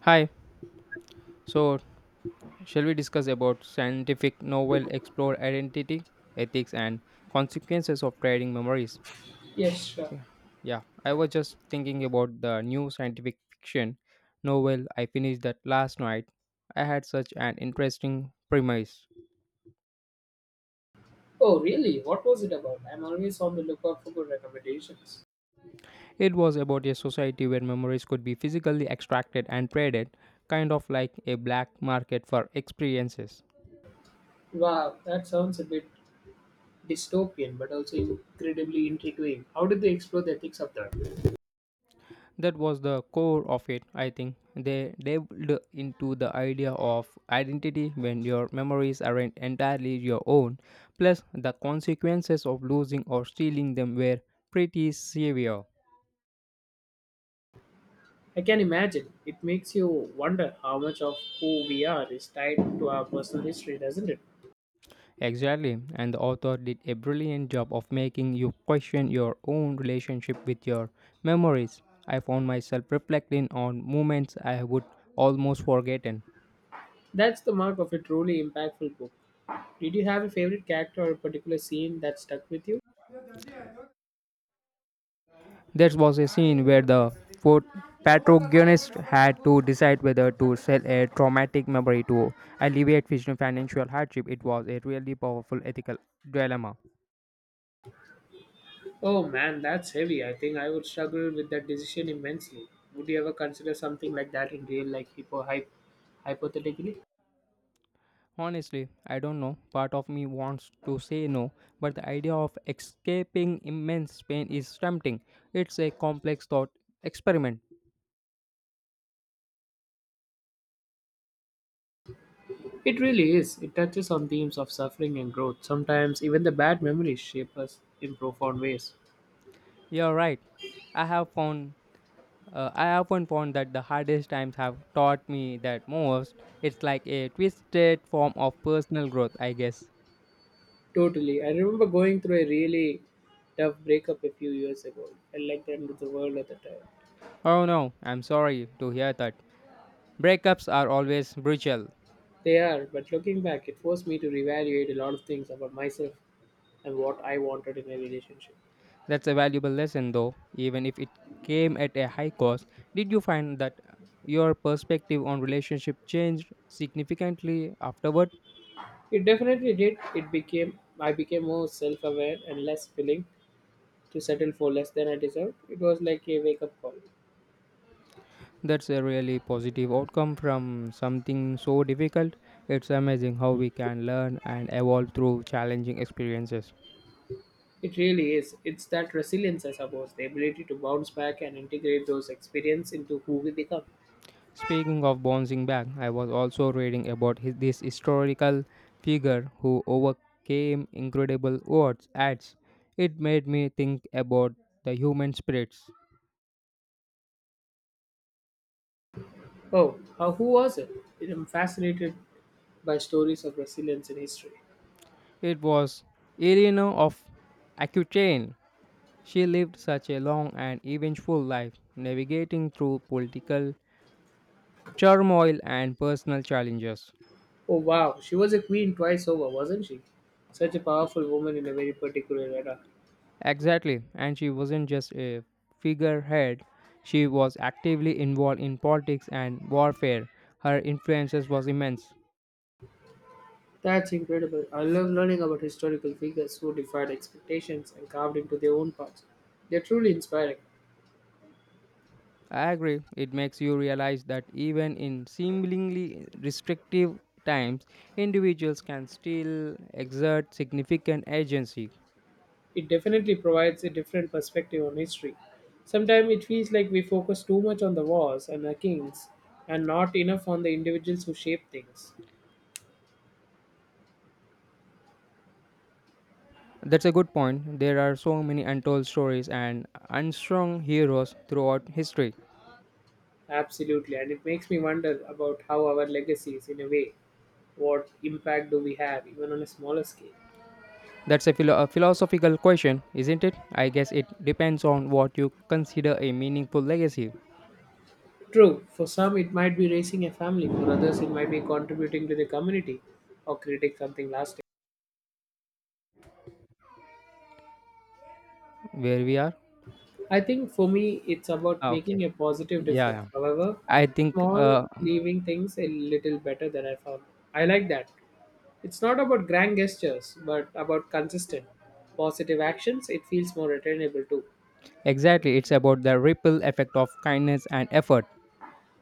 Hi. So, shall we discuss about scientific novel explore identity, ethics, and consequences of trading memories? Yes, sure. Yeah. Yeah. I was just thinking about the new scientific fiction novel I finished that last night. I had such an interesting premise. Oh, really? What was it about? I'm always on the lookout for good recommendations. It was about a society where memories could be physically extracted and traded, kind of like a black market for experiences. Wow, that sounds a bit dystopian, but also incredibly intriguing. How did they explore the ethics of that? That was the core of it, I think. They delved into the idea of identity when your memories aren't entirely your own, plus, the consequences of losing or stealing them were pretty severe. I can imagine. It makes you wonder how much of who we are is tied to our personal history, doesn't it? Exactly, and the author did a brilliant job of making you question your own relationship with your memories. I found myself reflecting on moments I would almost forgotten. That's the mark of a truly impactful book. Did you have a favorite character or a particular scene that stuck with you? There was a scene where the pro- protagonist had to decide whether to sell a traumatic memory to alleviate future financial hardship. It was a really powerful ethical dilemma. Oh man, that's heavy. I think I would struggle with that decision immensely. Would you ever consider something like that in real life, hypothetically? Honestly, I don't know. Part of me wants to say no, but the idea of escaping immense pain is tempting. It's a complex thought experiment. It really is. It touches on themes of suffering and growth. Sometimes even the bad memories shape us in profound ways. You're right. I have found I often found that the hardest times have taught me that most. It's like a twisted form of personal growth, I guess. Totally. I remember going through a really tough breakup a few years ago. I liked the end of the world at the time. Oh no, I'm sorry to hear that. Breakups are always brutal. They are, but looking back, it forced me to reevaluate a lot of things about myself and what I wanted in a relationship. That's a valuable lesson though, even if it came at a high cost. Did you find that your perspective on relationship changed significantly afterward? It definitely did. It became I became more self-aware and less willing to settle for less than I deserved. It was like a wake-up call. That's a really positive outcome from something so difficult. It's amazing how we can learn and evolve through challenging experiences. It really is. It's that resilience, I suppose, the ability to bounce back and integrate those experiences into who we become. Speaking of bouncing back, I was also reading about this historical figure who overcame incredible odds. Ads. It made me think about the human spirits. Oh, how, who was it? I'm fascinated by stories of resilience in history. It was Eleanor of Aquitaine. She lived such a long and eventful life, navigating through political turmoil and personal challenges. Oh wow, she was a queen twice over, wasn't she? Such a powerful woman in a very particular era. Exactly, and she wasn't just a figurehead, she was actively involved in politics and warfare. Her influence was immense. That's incredible. I love learning about historical figures who defied expectations and carved into their own paths. They're truly inspiring. I agree, it makes you realize that even in seemingly restrictive times, individuals can still exert significant agency. It definitely provides a different perspective on history. Sometimes it feels like we focus too much on the wars and the kings and not enough on the individuals who shaped things. That's a good point. There are so many untold stories and unsung heroes throughout history. Absolutely, and it makes me wonder about how our legacies, in a way, what impact do we have, even on a smaller scale? A philosophical question, isn't it? I guess it depends on what you consider a meaningful legacy. True, for some it might be raising a family, for others it might be contributing to the community or creating something lasting. Where we are? I think for me, it's about Ah, okay. making a positive Yeah, difference. yeah. However, I think small, leaving things a little better than I found. I like that. It's not about grand gestures, but about consistent, positive actions. It feels more attainable too. Exactly, it's about the ripple effect of kindness and effort.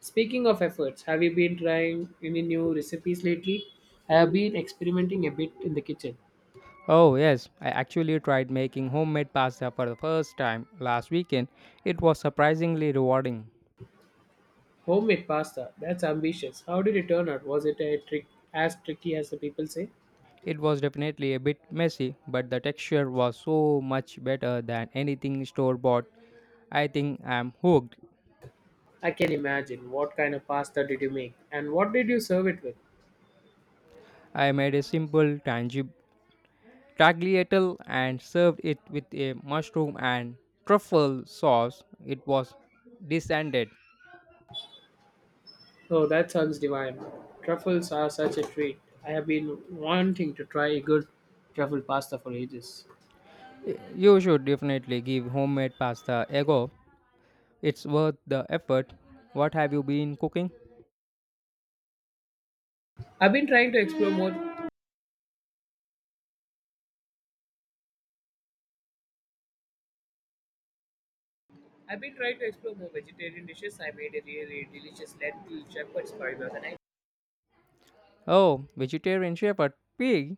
Speaking of efforts, have you been trying any new recipes lately? I have been experimenting a bit in the kitchen. Oh, yes, I actually tried making homemade pasta for the first time last weekend. It was surprisingly rewarding. Homemade pasta, that's ambitious. How did it turn out? Was it a trick as tricky as the people say? It was definitely a bit messy, but the texture was so much better than anything store bought. I think I'm hooked. I can imagine. What kind of pasta did you make? And what did you serve it with? I made a simple tagliatelle and served it with a mushroom and truffle sauce. It was descended. Oh, that sounds divine. Truffles are such a treat. I have been wanting to try a good truffle pasta for ages. You should definitely give homemade pasta a go. It's worth the effort. What have you been cooking? I've been trying to explore more. I've been trying to explore more vegetarian dishes. I made a really delicious lentil shepherd's pie the other night. Oh, vegetarian shepherd pig.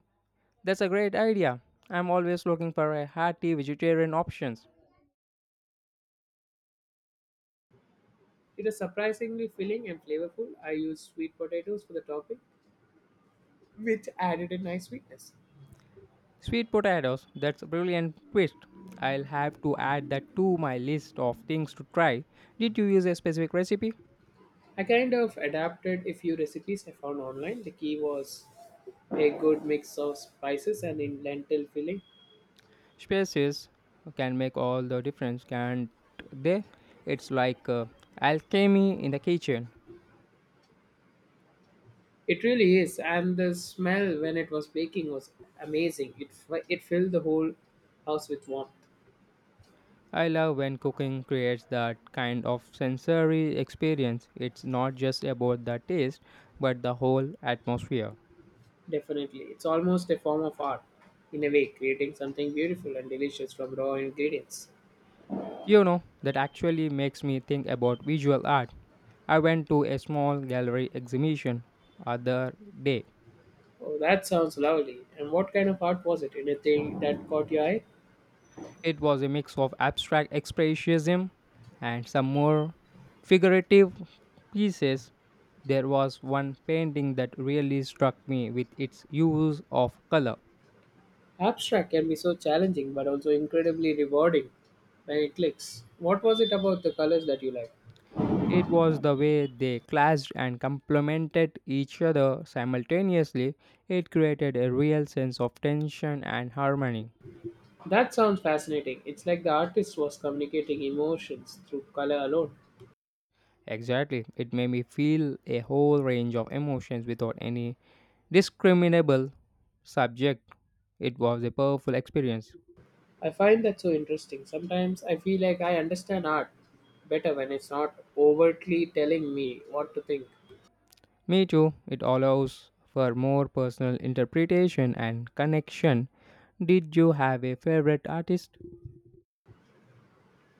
That's a great idea. I'm always looking for a hearty vegetarian options. It was surprisingly filling and flavorful. I used sweet potatoes for the topping, which added a nice sweetness. Sweet potatoes. That's a brilliant twist. I'll have to add that to my list of things to try. Did you use a specific recipe? I kind of adapted a few recipes I found online. The key was a good mix of spices and in lentil filling. Spaces can make all the difference, can't they? It's like Alchemy in the kitchen. It really is, and the smell when it was baking was amazing. It filled the whole house with warmth. I love when cooking creates that kind of sensory experience. It's not just about the taste, but the whole atmosphere. Definitely, it's almost a form of art, in a way, creating something beautiful and delicious from raw ingredients. You know, that actually makes me think about visual art. I went to a small gallery exhibition other day. Oh, that sounds lovely. And what kind of art was it? Anything that caught your eye? It was a mix of abstract expressionism and some more figurative pieces. There was one painting that really struck me with its use of color. Abstract can be so challenging, but also incredibly rewarding when it clicks. What was it about the colors that you liked? It was the way they clashed and complemented each other simultaneously. It created a real sense of tension and harmony. That sounds fascinating. It's like the artist was communicating emotions through color alone. Exactly. It made me feel a whole range of emotions without any discriminable subject. It was a powerful experience. I find that so interesting. Sometimes I feel like I understand art better when it's not overtly telling me what to think. Me too, it allows for more personal interpretation and connection. Did you have a favorite artist?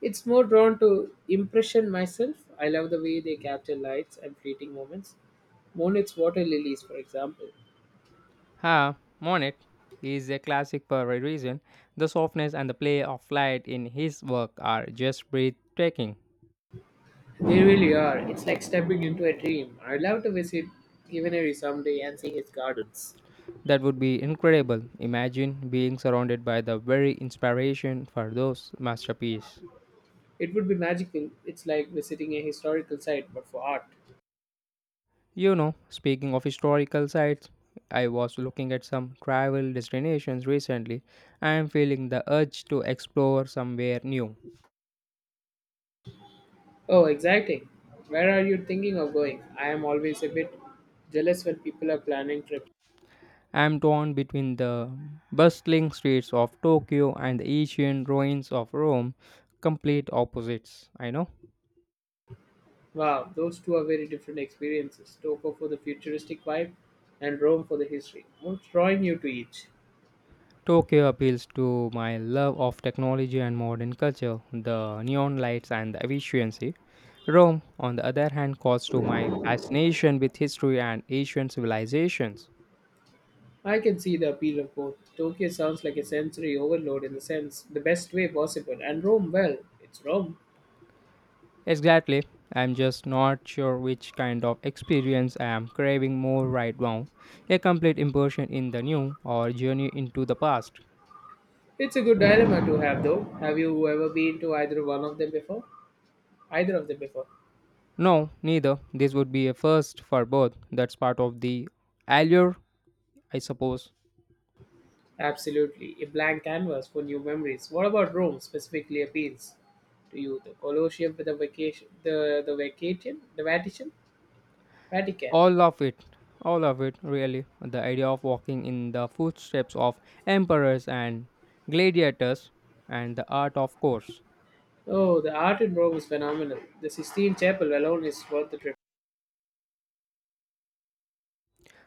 It's more drawn to impression myself. I love the way they capture lights and fleeting moments. Monet's water lilies, for example. Ha, Monet is a classic for a reason. The softness and the play of light in his work are just breathtaking. They really are. It's like stepping into a dream. I'd love to visit givenery someday and see his gardens. That would be incredible. Imagine being surrounded by the very inspiration for those masterpieces. It would be magical. It's like visiting a historical site, but for art. You know, speaking of historical sites, I was looking at some travel destinations recently. I am feeling the urge to explore somewhere new. Oh, exciting. Where are you thinking of going? I am always a bit jealous when people are planning trips. I am torn between the bustling streets of Tokyo and the ancient ruins of Rome, complete opposites, I know. Wow, those two are very different experiences. Tokyo for the futuristic vibe and Rome for the history. What's drawing you to each? Tokyo appeals to my love of technology and modern culture, the neon lights and the efficiency. Rome, on the other hand, calls to my fascination with history and ancient civilizations. I can see the appeal of both. Tokyo sounds like a sensory overload in the sense the best way possible, and Rome, well, it's Rome. Exactly. I'm just not sure which kind of experience I am craving more right now. A complete immersion in the new or journey into the past. It's a good dilemma to have though. Have you ever been to either one of them before? Either of them before. No, neither. This would be a first for both. That's part of the allure, I suppose. Absolutely, a blank canvas for new memories. What about Rome specifically appeals to you? The Colosseum, the vacation, the Vatican, Vatican. All of it. All of it, really. The idea of walking in the footsteps of emperors and gladiators and the art, of course. Oh, the art in Rome is phenomenal. The Sistine Chapel alone is worth the trip.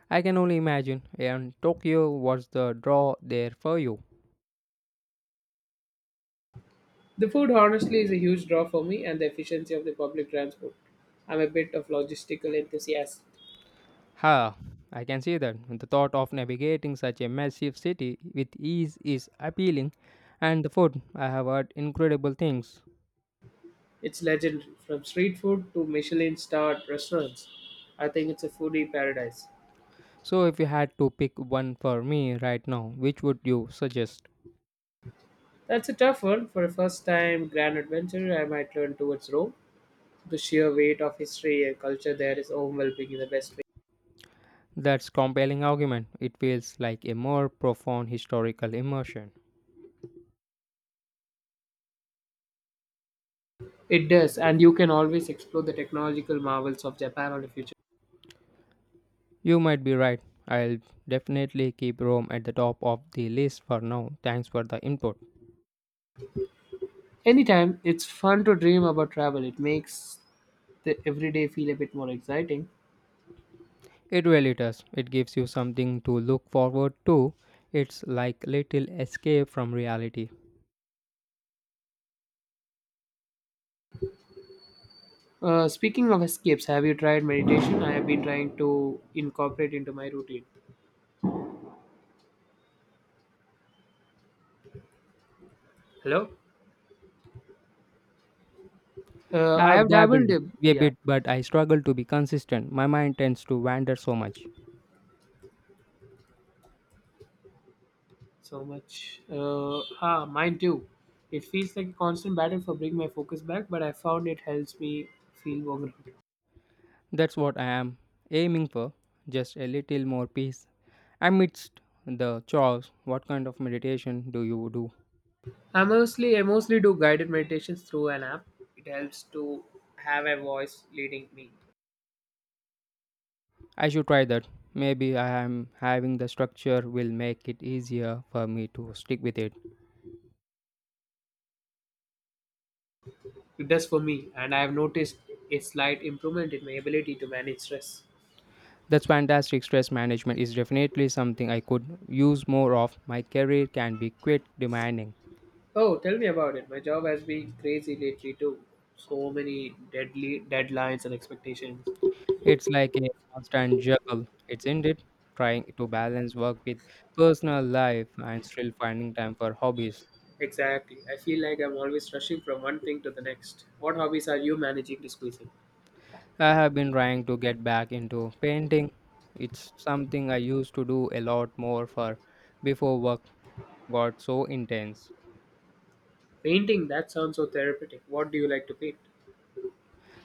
I can only imagine. And Tokyo was the draw there for you. The food, honestly, is a huge draw for me, and the efficiency of the public transport. I'm a bit of logistical enthusiast. Ha, I can see that. The thought of navigating such a massive city with ease is appealing, and the food, I have heard incredible things. It's legendary, from street food to Michelin-starred restaurants. I think it's a foodie paradise. So, if you had to pick one for me right now, which would you suggest? That's a tough one. For a first time grand adventure, I might turn towards Rome. The sheer weight of history and culture there is overwhelming in the best way. That's compelling argument. It feels like a more profound historical immersion. It does, and you can always explore the technological marvels of Japan or the future. You might be right. I'll definitely keep Rome at the top of the list for now. Thanks for the input. Anytime, it's fun to dream about travel. It makes the everyday feel a bit more exciting. It really does. It gives you something to look forward to. It's like little escape from reality. Speaking of escapes, have you tried meditation? I have been trying to incorporate into my routine. Hello? I I've have dabbled a Yeah. bit, but I struggle to be consistent. My mind tends to wander so much. So much. Mine too. It feels like a constant battle for bringing my focus back, but I found it helps me feel more grounded. That's what I am aiming for. Just a little more peace. Amidst the chores, what kind of meditation do you do? I mostly do guided meditations through an app. It helps to have a voice leading me. I should try that. Maybe I am having the structure will make it easier for me to stick with it. It does for me, and I have noticed a slight improvement in my ability to manage stress. That's fantastic. Stress management is definitely something I could use more of. My career can be quite demanding. Oh, tell me about it. My job has been crazy lately too. So many deadly deadlines and expectations. It's like a constant juggle. It's indeed trying to balance work with personal life and still finding time for hobbies. Exactly. I feel like I'm always rushing from one thing to the next. What hobbies are you managing to squeeze in? I have been trying to get back into painting. It's something I used to do a lot more for before work got so intense. Painting, that sounds so therapeutic. What do you like to paint?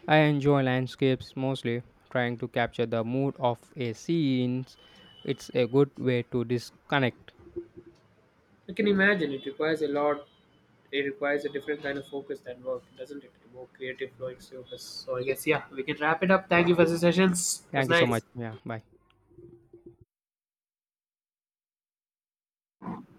I enjoy landscapes mostly, trying to capture the mood of a scene. It's a good way to disconnect. I can imagine it requires a different kind of focus than work, doesn't it? More creative flowing surface. So I guess, yeah, we can wrap it up. Thank you for the sessions. It was Thank you so much. nice. Yeah, bye.